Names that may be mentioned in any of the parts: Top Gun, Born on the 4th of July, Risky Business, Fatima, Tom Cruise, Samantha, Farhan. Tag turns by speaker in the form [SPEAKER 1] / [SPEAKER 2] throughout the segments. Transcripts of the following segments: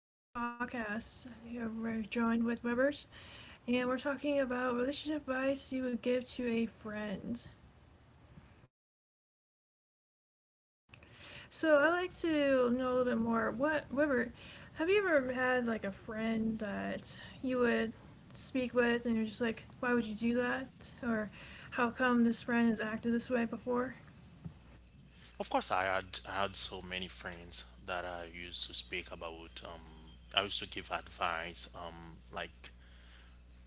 [SPEAKER 1] audio podcast. We're joined with Webbers, and we're talking about relationship advice you would give to a friend.
[SPEAKER 2] Yeah, exactly. Yeah.
[SPEAKER 1] So I'd like to know a little bit more. What Weber, have you ever had like a friend that you would speak with, and you're just like, why would you do that, or how come this friend has acted this way before?
[SPEAKER 2] Of course, I had so many friends that I used to speak about. I used to give advice, like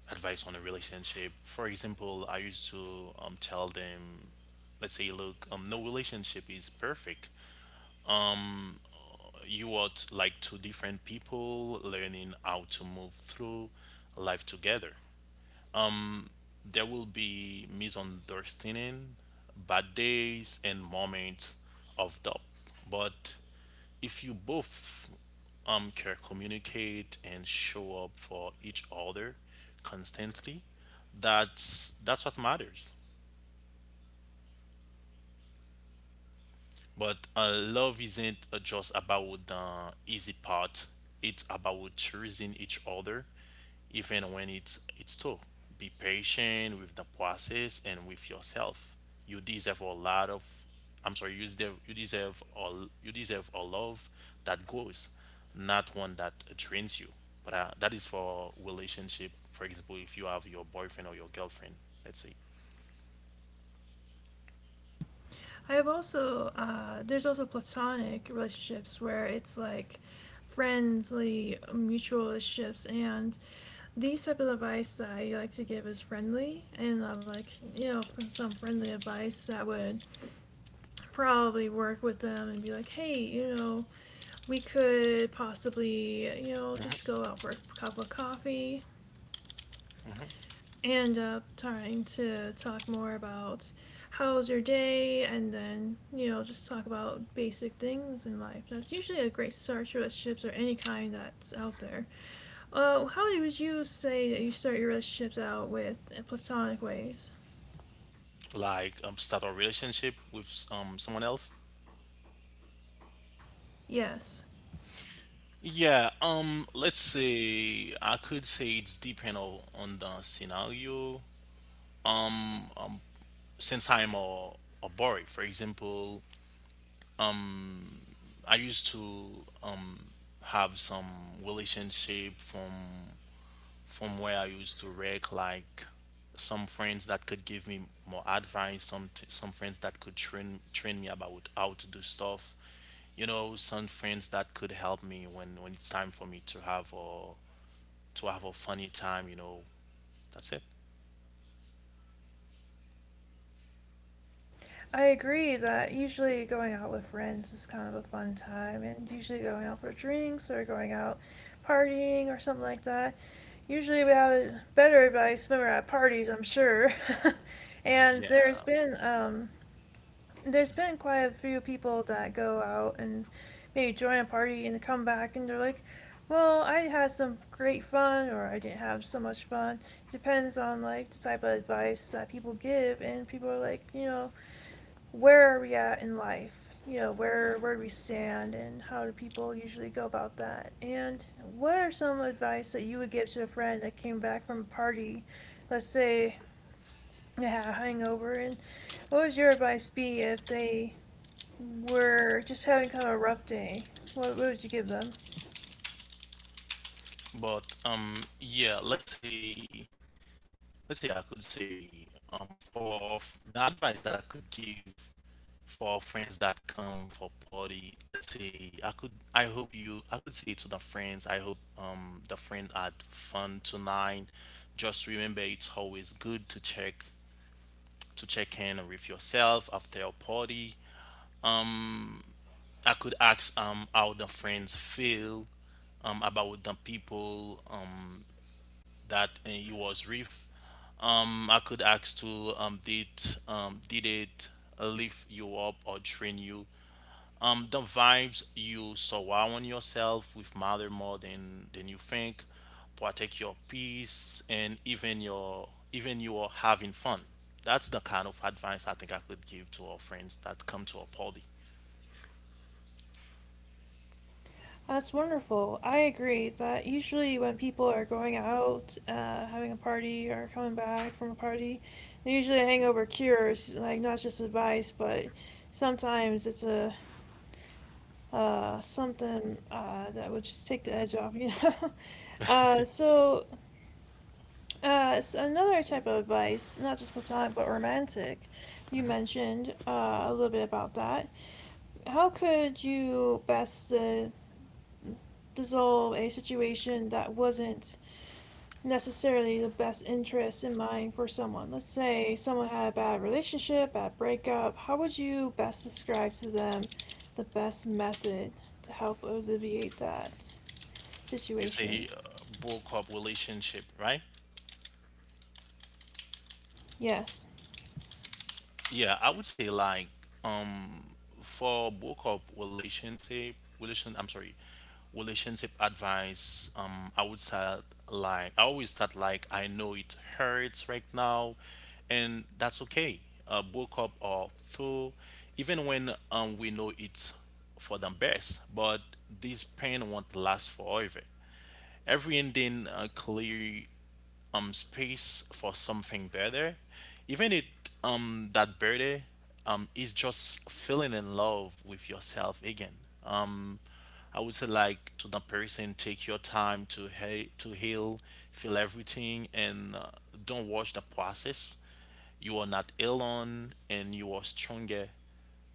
[SPEAKER 2] advice on a relationship. For example, I used to tell them, let's say, look, no relationship is perfect. You are like two different people learning how to move through life together. There will be misunderstanding, bad days, and moments of doubt. But if you both can communicate and show up for each other constantly, that's what matters. But love isn't just about the easy part. It's about choosing each other, even when it's tough. Be patient with the process and with yourself. You deserve a lot of. I'm sorry. You deserve a love that grows, not one that drains you. But that is for relationship. For example, if you have your boyfriend or your girlfriend, let's say,
[SPEAKER 1] I have also, there's also platonic relationships where it's like friendly mutual relationships, and the type of advice that I like to give is friendly, and I'm like, you know, some friendly advice that would probably work with them and be like, hey, you know, we could possibly, you know, just go out for a cup of coffee. And up trying to talk more about how's your day, and then, you know, just talk about basic things in life. That's usually a great start to relationships or any kind that's out there. How would you say that you start your relationships out with in platonic ways?
[SPEAKER 2] like start a relationship with someone else.
[SPEAKER 1] Yes.
[SPEAKER 2] Yeah, let's say I could say it's depend on the scenario. Since I'm a boy, for example, I used to have some relationship from where I used to wreck. Like some friends that could give me more advice, some friends that could train me about how to do stuff, you know, some friends that could help me when it's time for me to have a funny time, you know. That's it.
[SPEAKER 1] I agree that usually going out with friends is kind of a fun time, and usually going out for drinks or going out partying or something like that. Usually we have better advice when we're at parties, I'm sure. and there's
[SPEAKER 2] Yeah,
[SPEAKER 1] been um, there's been quite a few people that go out and maybe join a party and come back and they're like, well, I had some great fun or I didn't have so much fun. Depends on like the type of advice that people give, and people are like, you know, where are we at in life? You know, where do we stand, and how do people usually go about that? And what are some advice that you would give to a friend that came back from a party? Let's say they had a hangover, and what would your advice be if they were just having kind of a rough day. What would you give them?
[SPEAKER 2] but yeah, let's say I could say the advice that I could give for friends that come for party, let's say I hope you I could say to the friends, I hope the friend had fun tonight. Just remember it's always good to check in with yourself after a party. I could ask how the friends feel about the people that he was with. I could ask to did did it lift you up or train you? The vibes you surround yourself with matter more than you think. Protect your peace and even your even you are having fun. That's the kind of advice I think I could give to our friends that come to a party.
[SPEAKER 1] That's wonderful. I agree that usually when people are going out, having a party, or coming back from a party, usually a hangover cures, like, not just advice, but sometimes it's a, something, that would just take the edge off, you know? So, s another type of advice, not just platonic but romantic, you mentioned, a little bit about that. How could you best, dissolve a situation that wasn't necessarily the best interest in mind for someone? Let's say someone had a bad relationship, bad breakup. How would you best describe to them the best method to help alleviate that
[SPEAKER 2] You
[SPEAKER 1] situation?
[SPEAKER 2] say broke up relationship, right?
[SPEAKER 1] Yes.
[SPEAKER 2] Yeah, I would say like um for breakup relationship relation I'm sorry, relationship advice. I would start like I always start like I know it hurts right now, and that's okay. Uh, breakup or through, even when we know it's for the best, but this pain won't last forever. Every ending clearly space for something better, even it that better is just feeling in love with yourself again. Um, I would say like to the person, take your time to heal, feel everything, and don't watch the process. You are not alone, and you are stronger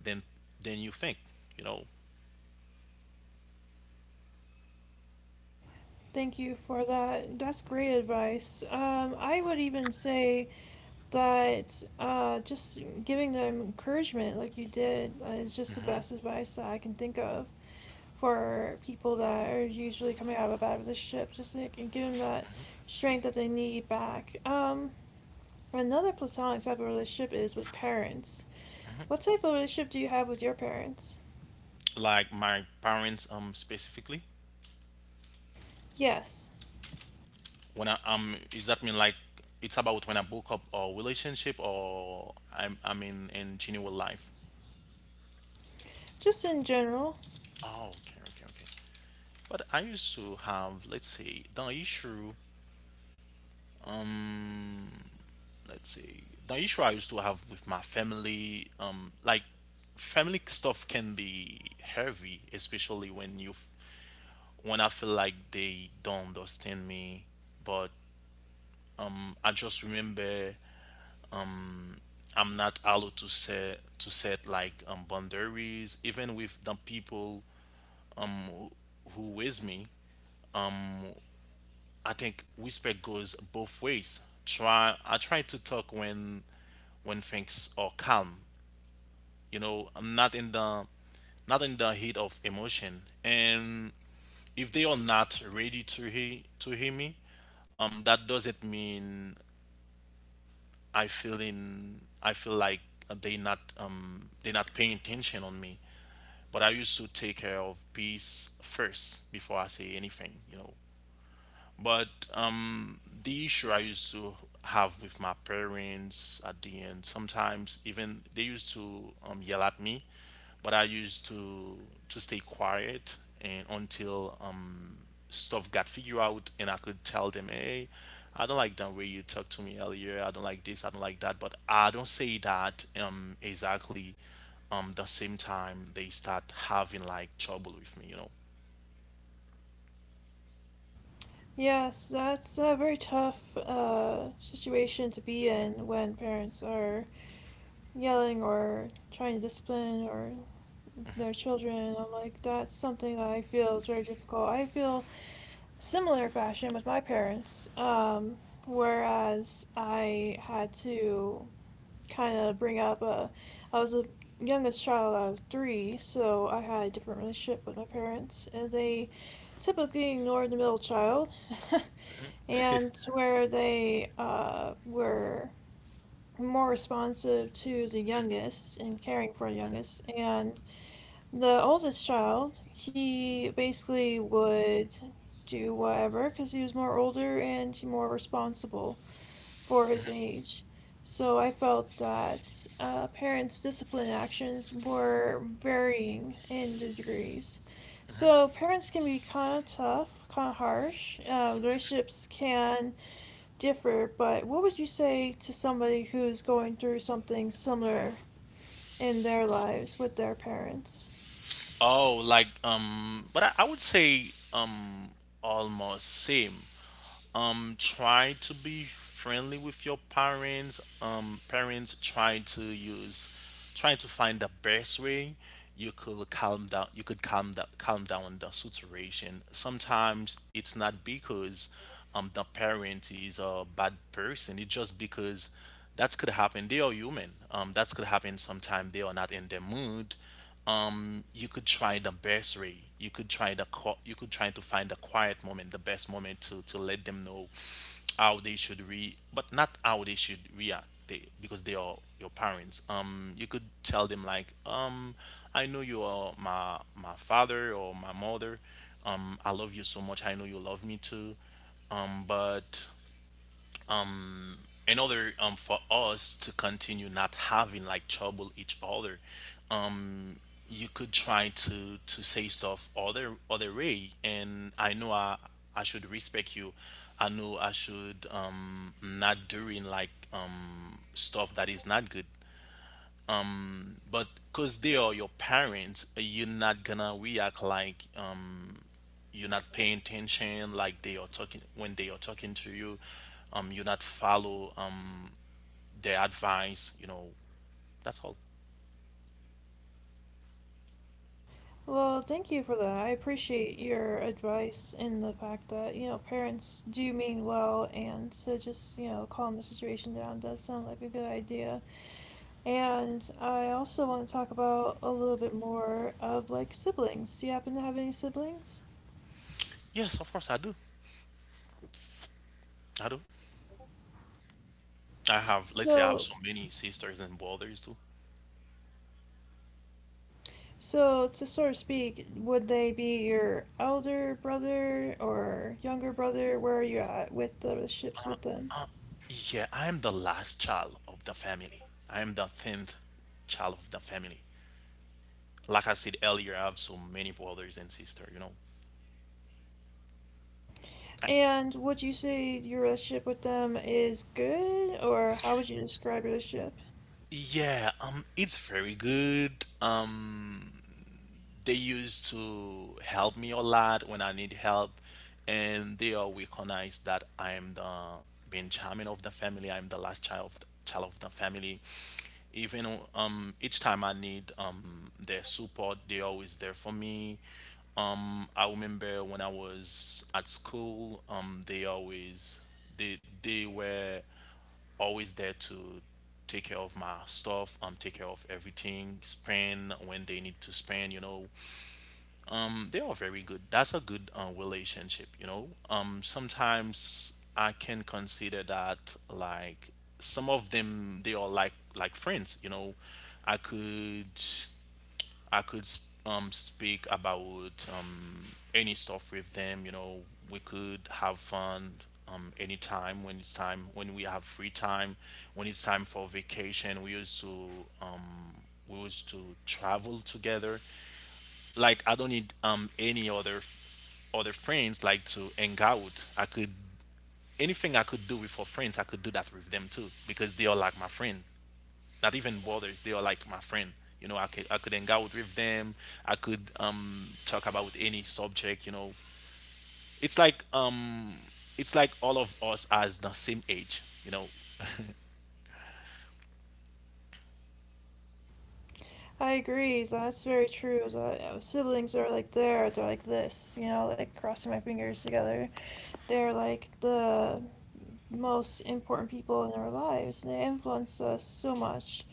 [SPEAKER 2] than than you think. You know,
[SPEAKER 1] Thank you for that. That's great advice. I would even say that, just giving them encouragement like you did, is just the best advice that I can think of for people that are usually coming out of a bad relationship, just so it can give them that strength that they need back. Another platonic type of relationship is with parents. What type of relationship do you have with your parents?
[SPEAKER 2] like my parents specifically.
[SPEAKER 1] Yes,
[SPEAKER 2] When is that mean like it's about when I broke up a relationship or I'm in genuine life.
[SPEAKER 1] just in general.
[SPEAKER 2] Oh, okay, okay, okay. But I used to have, let's say the issue, let's say the issue I used to have with my family, like family stuff can be heavy, especially when you, when I feel like they don't understand me. But I just remember I'm not allowed to set like boundaries, even with the people who with me. I think respect goes both ways. Try I try to talk when things are calm. You know, I'm not in the, not in the heat of emotion. And if they are not ready to hear me, that doesn't mean I feel like they not paying attention on me. But I used to take care of peace first before I say anything, you know. But the issue I used to have with my parents at the end, sometimes even they used to yell at me, but I used to stay quiet, and until stuff got figured out and I could tell them, hey, I don't like the way you talked to me earlier. I don't like this. I don't like that. But I don't say that exactly the same time they start having like trouble with me, you know.
[SPEAKER 1] Yes, that's a very tough, situation to be in when parents are yelling or trying to discipline or their children. I'm like, that's something that I feel is very difficult. I feel similar fashion with my parents, whereas I had to kind of bring up a, I was the youngest child out of three, so I had a different relationship with my parents, and they typically ignored the middle child, and where they, were more responsive to the youngest and caring for the youngest, and the oldest child, he basically would do whatever because he was more older and more responsible for his age. So I felt that, parents' discipline actions were varying in the degrees. So parents can be kind of tough, kind of harsh. Relationships can differ, but what would you say to somebody who's going through something similar in their lives with their parents?
[SPEAKER 2] Oh, like but I would say um, almost same. Try to be friendly with your parents. Parents try to use, trying to find the best way you could calm down. You could calm down the situation. Sometimes it's not because the parent is a bad person. It's just because that could happen. They are human. That could happen sometime. They are not in the mood. You could try the best way, you could try you could try to find the quiet moment, the best moment to let them know how they should re, but not how they should react, they because they are your parents. You could tell them like, I know you are my father or my mother, I love you so much, I know you love me too, but in order for us to continue not having like trouble each other, um you could try to say stuff other, other way, and I know I should respect you. I know I should not doing like stuff that is not good. But because they are your parents, you're not gonna react like, you're not paying attention like they are talking when they are talking to you, you're not follow their advice, you know, that's all.
[SPEAKER 1] Well, thank you for that. I appreciate your advice in the fact that, you know, parents do mean well, and to just, you know, calm the situation down does sound like a good idea. And I also want to talk about a little bit more of like siblings. Do you happen to have any siblings?
[SPEAKER 2] Yes, of course I do. I do. I have, let's say, I have
[SPEAKER 1] So,
[SPEAKER 2] so many sisters and brothers too.
[SPEAKER 1] so to sort of speak, would they be your elder brother or younger brother? Where are you at with the ships with them?
[SPEAKER 2] Yeah, I am the last child of the family. I am the 10th child of the family. Like I said earlier, I have so many brothers and sisters, you know.
[SPEAKER 1] And would you say your relationship with them is good, or how would you describe your relationship?
[SPEAKER 2] Yeah, it's very good. They used to help me a lot when I need help, and they all recognize that I am the Benjamin of the family. I'm the last child of child of the family. Even each time I need their support, they're always there for me. I remember when I was at school, they were always there to take care of my stuff, take care of everything, spend when they need to spend, you know, they are very good. That's a good relationship, you know. Sometimes I can consider that like some of them they are like friends, you know. I could I could speak about any stuff with them, you know. We could have fun anytime when it's time when we have free time, when it's time for vacation. Um, we used to travel together. Like I don't need any other friends like to hang out. I could anything I could do with for friends, I could do that with them too, because they are like my friend. Not even brothers, they are like my friend. You know, I could hang out with them. I could talk about any subject. You know, it's like um it's like all of us as the same age. You know,
[SPEAKER 1] I agree, so that's very true. That, siblings are like there, they're like this, you know, like crossing my fingers together. They're like the most important people in our lives, and they influence us so much.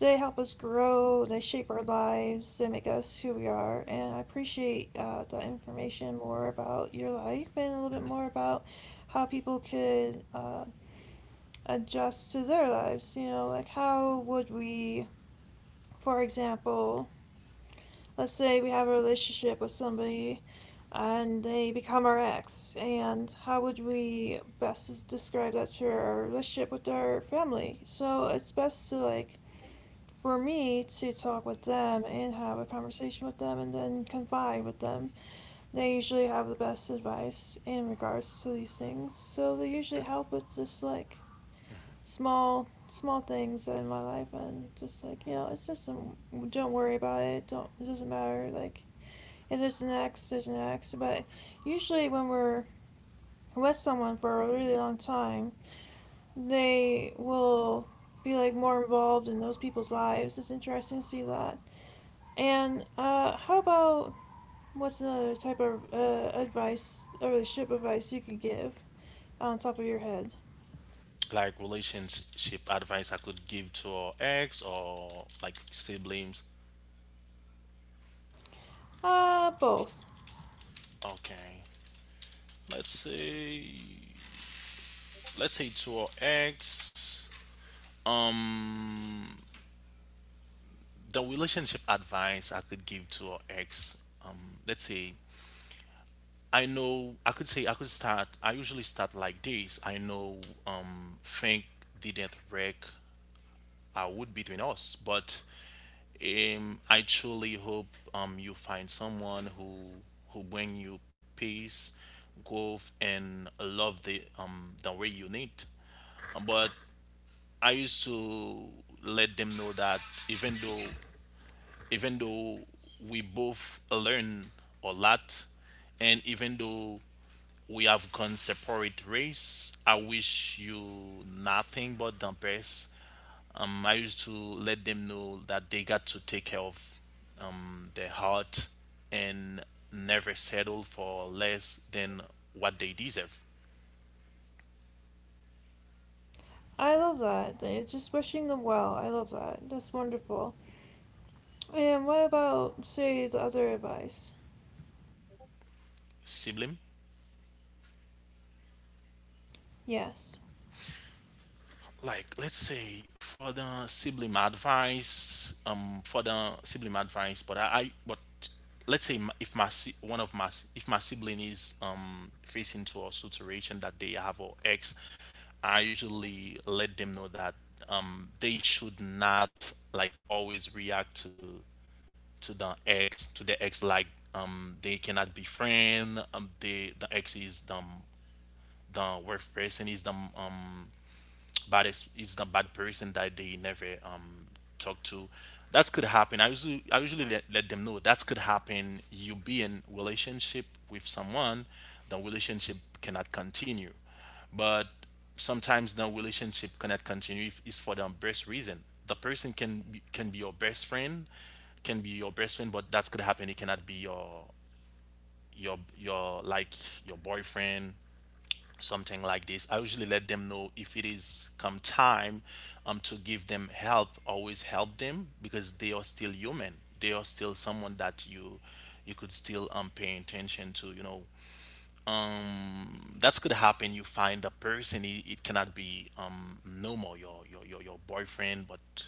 [SPEAKER 1] They help us grow, they shape our lives, they make us who we are. And I appreciate, the information more about your life and a little bit more about how people could, adjust to their lives. You know, like how would we, for example, let's say we have a relationship with somebody and they become our ex, and how would we best describe that to our relationship with our family? So it's best to, like, for me to talk with them and have a conversation with them and then confide with them. They usually have the best advice in regards to these things, so they usually help with just like small small things in my life, and just like, you know, it's just some don't worry about it, don't, it doesn't matter, like, if there's an ex, there's an ex. But usually when we're with someone for a really long time, they will be like more involved in those people's lives. It's interesting to see that. And uh, how about, what's another type of, advice, a relationship advice you could give on top of your head?
[SPEAKER 2] like relationship advice I could give to our ex or like siblings.
[SPEAKER 1] Uh, both.
[SPEAKER 2] Okay, let's see. Let's say to our ex, um the relationship advice I could give to our ex, um let's say, I know I could say I could start I usually start like this. I know think didn't wreck would between us, but I truly hope you find someone who bring you peace, growth and love, the way you need. But I used to let them know that, even though even though we both learn a lot, and even though we have gone separate ways, I wish you nothing but the best. I used to let them know that they got to take care of their heart and never settle for less than what they deserve.
[SPEAKER 1] I love that. Like, it's just wishing them well. I love that. That's wonderful. And what about, say, the other advice?
[SPEAKER 2] Sibling?
[SPEAKER 1] Yes,
[SPEAKER 2] Like let's say for the sibling advice, for the sibling advice. But i, I but let's say if one of if my sibling is facing to a situation that they have or ex, I usually let them know that they should not like always react to the ex, like they cannot be friend. They, the ex is the worst person, is the, bad it's the bad person that they never talk to. That could happen. I usually let them know that could happen. You be in relationship with someone, the relationship cannot continue, but sometimes the relationship cannot continue if it's for the best reason. The person can be your best friend, but that could happen. It cannot be your your like your boyfriend, something like this. I usually let them know if it is come time, to give them help, always help them, because they are still human. They are still someone that you could still, pay attention to, that could happen. You find a person, it cannot be, no more your boyfriend, but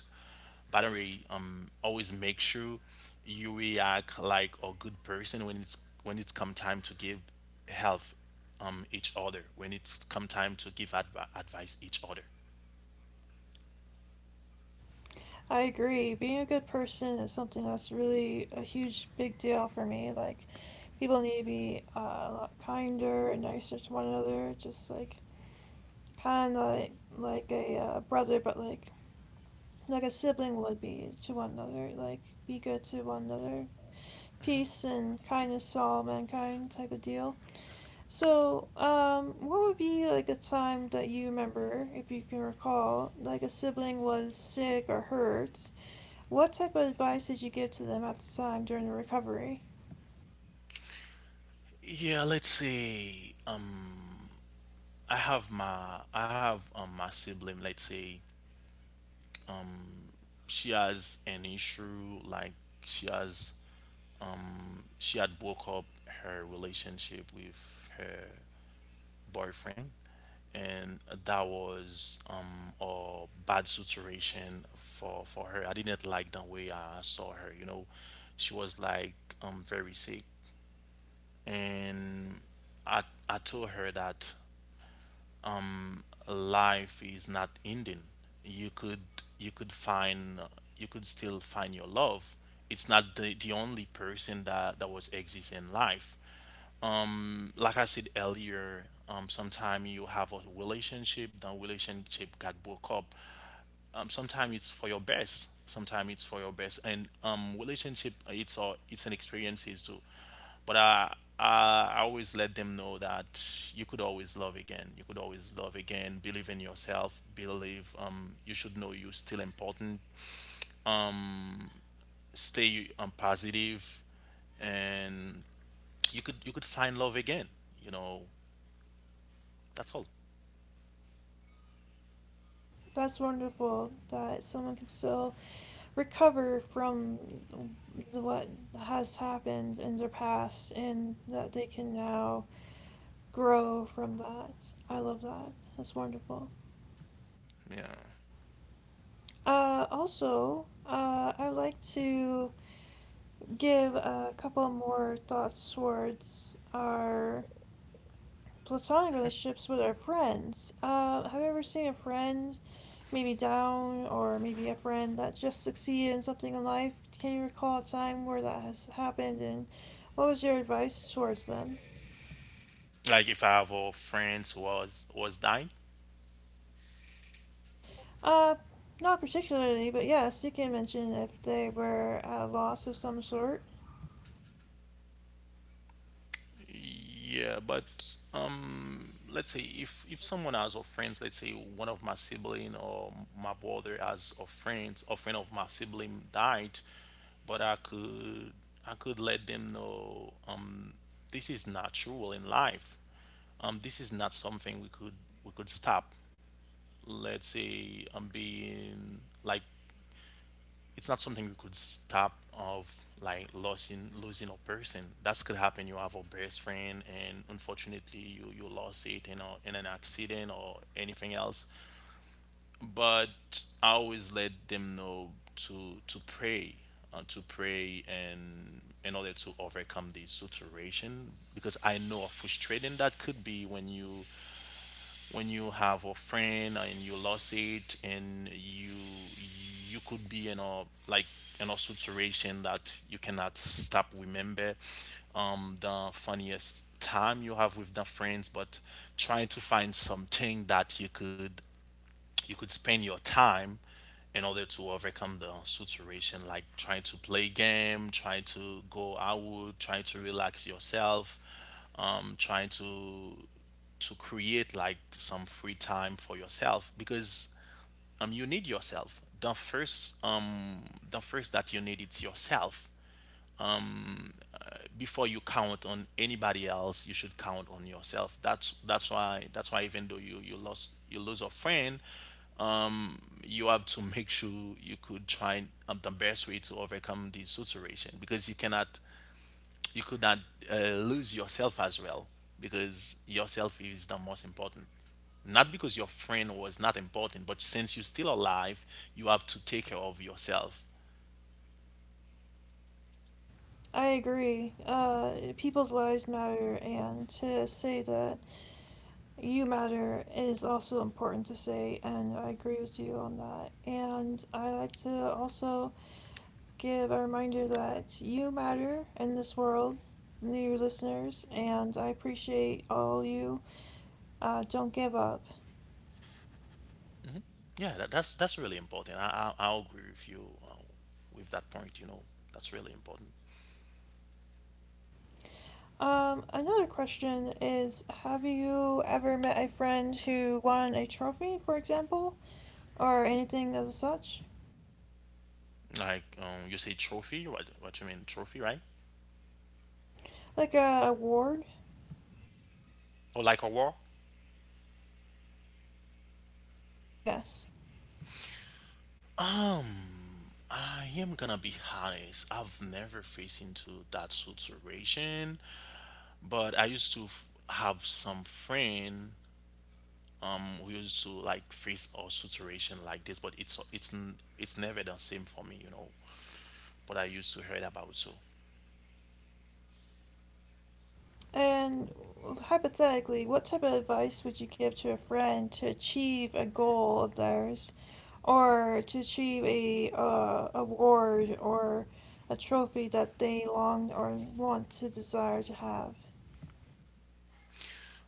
[SPEAKER 2] by the way, always make sure you react like a good person when it's come time to give help, each other, when it's come time to give advice each other.
[SPEAKER 1] I agree. Being a good person is something that's really a huge, big deal for me. Like, people need to be, a lot kinder and nicer to one another. Just like, kind of like a, brother, but like a sibling would be to one another. Like, be good to one another. Peace and kindness to all mankind type of deal. So, what would be like a time that you remember, if you can recall, like a sibling was sick or hurt? What type of advice did you give to them at the time during the recovery?
[SPEAKER 2] Yeah, let's say I have my sibling. Let's say she has an issue, like she has, um, she had broke up her relationship with her boyfriend, and that was a bad situation for her. I didn't like the way I saw her, you know. She was like, very sick. And i I told her that life is not ending. You could, you could find you could still find your love. It's not the only person that was exist in life. Like I said earlier, sometimes you have a relationship, that relationship got broke up. Sometimes it's for your best, and relationship, it's it's an experiences too. But I always let them know that you could always love again. You could always love again. Believe in yourself. Believe, you should know you're still important. Um Stay positive, and you could find love again. You know. That's all.
[SPEAKER 1] That's wonderful that someone can still recover from what has happened in their past and that they can now grow from that. I love that. That's wonderful.
[SPEAKER 2] Yeah.
[SPEAKER 1] Also, I'd like to give a couple more thoughts towards our platonic relationships with our friends. Have you ever seen a friend maybe down or maybe a friend that just succeeded in something in life? Can you recall a time where that has happened and what was your advice towards them?
[SPEAKER 2] Like if I have, friends who was dying.
[SPEAKER 1] Uh, not particularly, but yes, you can mention if they were at a loss of some sort.
[SPEAKER 2] Yeah, but let's say if someone has a friends, let's say one of my sibling or my brother has a friends, a friend of my sibling died, but I could let them know, this is natural in life. This is not something we could stop. Let's say being like, it's not something we could stop of, like losing a person. That could happen. You have a best friend, and unfortunately, you lost it, you know, in an accident or anything else. But I always let them know to pray, and in order to overcome the situation, because I know how frustrating that could be when you have a friend and you lost it, and you could be in a like, in a situation that you cannot stop remember, the funniest time you have with the friends, but trying to find something that you could spend your time in order to overcome the situation, like trying to play game, try to go out, try to relax yourself, trying to create like some free time for yourself, because you need yourself the first, the first that you need is yourself before you count on anybody else. You should count on yourself. That's why even though you lose a friend, you have to make sure you could try, the best way to overcome this situation, because you cannot, you could not, lose yourself as well, because yourself is the most important. Not because your friend was not important, but since you're still alive, you have to take care of yourself.
[SPEAKER 1] I agree. People's lives matter, and to say that you matter is also important to say, and I agree with you on that. And I like to also give a reminder that you matter in this world, new listeners, and I appreciate all you. Don't give up.
[SPEAKER 2] Yeah, that's really important. I agree with you, with that point, you know. That's really important.
[SPEAKER 1] Another question is, have you ever met a friend who won a trophy, for example, or anything as such?
[SPEAKER 2] Like, you say trophy, what you mean trophy, right?
[SPEAKER 1] Like a award?
[SPEAKER 2] Or like a war?
[SPEAKER 1] Yes.
[SPEAKER 2] I am gonna be honest. I've never faced into that situation, but I used to have some friend, who used to like face a situation like this, but it's it's never the same for me, you know. But I used to heard about so.
[SPEAKER 1] And hypothetically, what type of advice would you give to a friend to achieve a goal of theirs, or to achieve a, award or a trophy that they long or want to desire to have?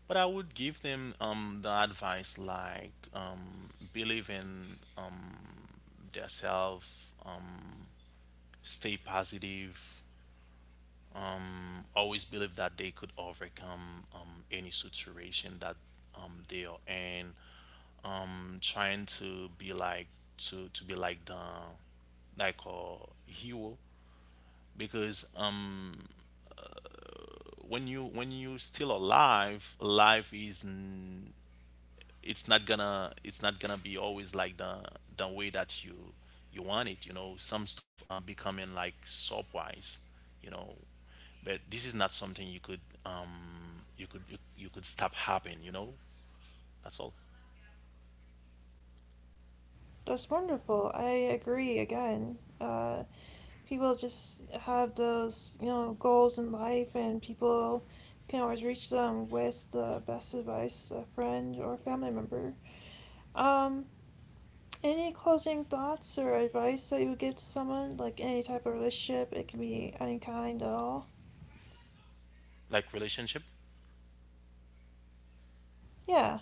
[SPEAKER 2] But I would give them, the advice like, believe in, themselves, um, stay positive, always believe that they could overcome, any situation that, they are in. Trying to be like, to be like the, like a hero, because when you still alive, life is, it's not gonna be always like the way that you want it, you know. Some stuff becoming like surprise, you know. But this is not something you could, you could, you could stop happening, you know. That's all.
[SPEAKER 1] That's wonderful. I agree again. People just have those, you know, goals in life, and people can always reach them with the best advice, a friend or family member. Um, Any closing thoughts or advice that you would give to someone, like any type of relationship? It can be any kind at all.
[SPEAKER 2] Like relationship?
[SPEAKER 1] Yeah,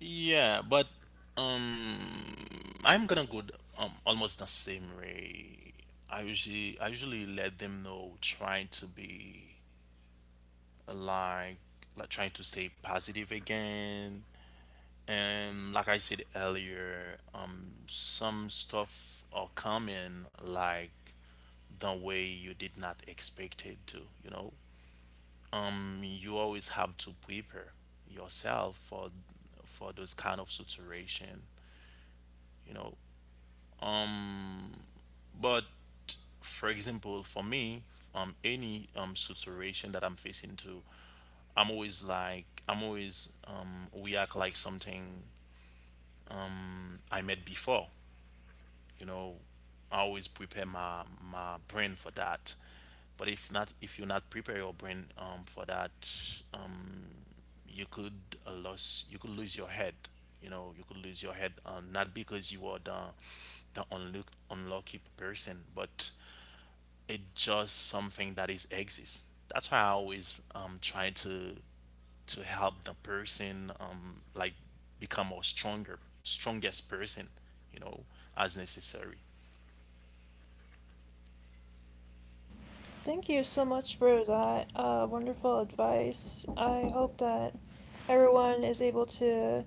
[SPEAKER 2] Yeah, but um I'm gonna go th- almost the same way. I usually let them know trying to be like like trying to stay positive again. And like I said earlier, some stuff are coming like the way you did not expect it to. You know, you always have to prepare yourself for those kind of situation. You know, but for example, for me, any situation that I'm facing to, I'm always react like something I met before, you know. I always prepare my brain for that. But if not, if you not prepare your brain, for that, um, you could, lose, you could lose your head. You know, you could lose your head, not because you are the unlucky person, but it's just something that is exists. That's why I always try to help the person, like become a stronger strongest person, you know, as necessary.
[SPEAKER 1] thank you so much for that, wonderful advice. I hope that everyone is able to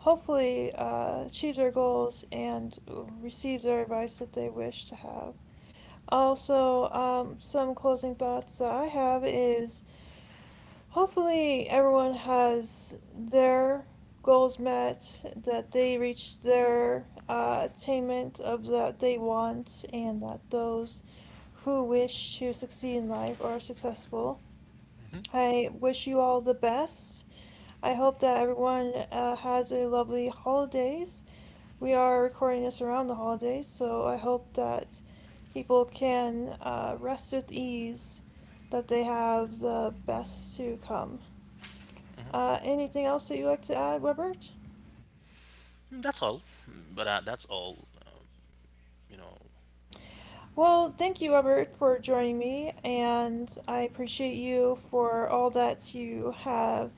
[SPEAKER 1] hopefully, achieve their goals and receive their advice that they wish to have. Also, some closing thoughts that I have is, hopefully, everyone has their goals met, that they reach their, attainment of that they want, and that those who wish to succeed in life are successful.
[SPEAKER 2] Mhm.
[SPEAKER 1] I wish you all the best. I hope that everyone, has a lovely holidays. We are recording this around the holidays, so I hope that people can, rest with ease, that they have the best to come. Anything else that you'd like to add, Robert?
[SPEAKER 2] Mm, that's all. Mm, but that's all, you know.
[SPEAKER 1] Well, thank you, Robert, for joining me, and I appreciate you for all that you have,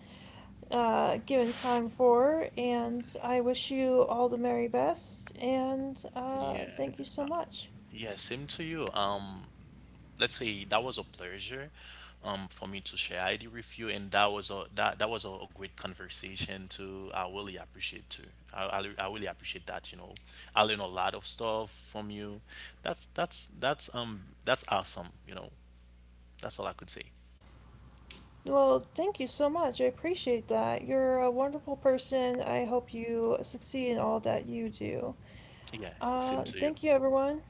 [SPEAKER 1] given time for. And I wish you all the merry best, and,
[SPEAKER 2] Yeah.
[SPEAKER 1] thank you so much.
[SPEAKER 2] Yeah, same to you. Let's say that was a pleasure, for me to share ID with you, and that was a, that that was a great conversation too. I really appreciate too. I really appreciate that, you know. I learned a lot of stuff from you. That's that's awesome, you know. That's all I could say.
[SPEAKER 1] Well, thank you so much. I appreciate that. You're a wonderful person. I hope you succeed in all that you do.
[SPEAKER 2] Yeah, same to you.
[SPEAKER 1] Thank you, everyone,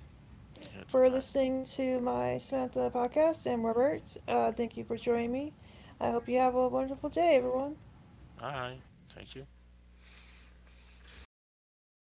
[SPEAKER 2] Yeah, it's
[SPEAKER 1] for
[SPEAKER 2] all right.
[SPEAKER 1] listening to my Samantha podcast and Robert. Thank you for joining me. I hope you have a wonderful day, everyone.
[SPEAKER 2] All right. Thank you.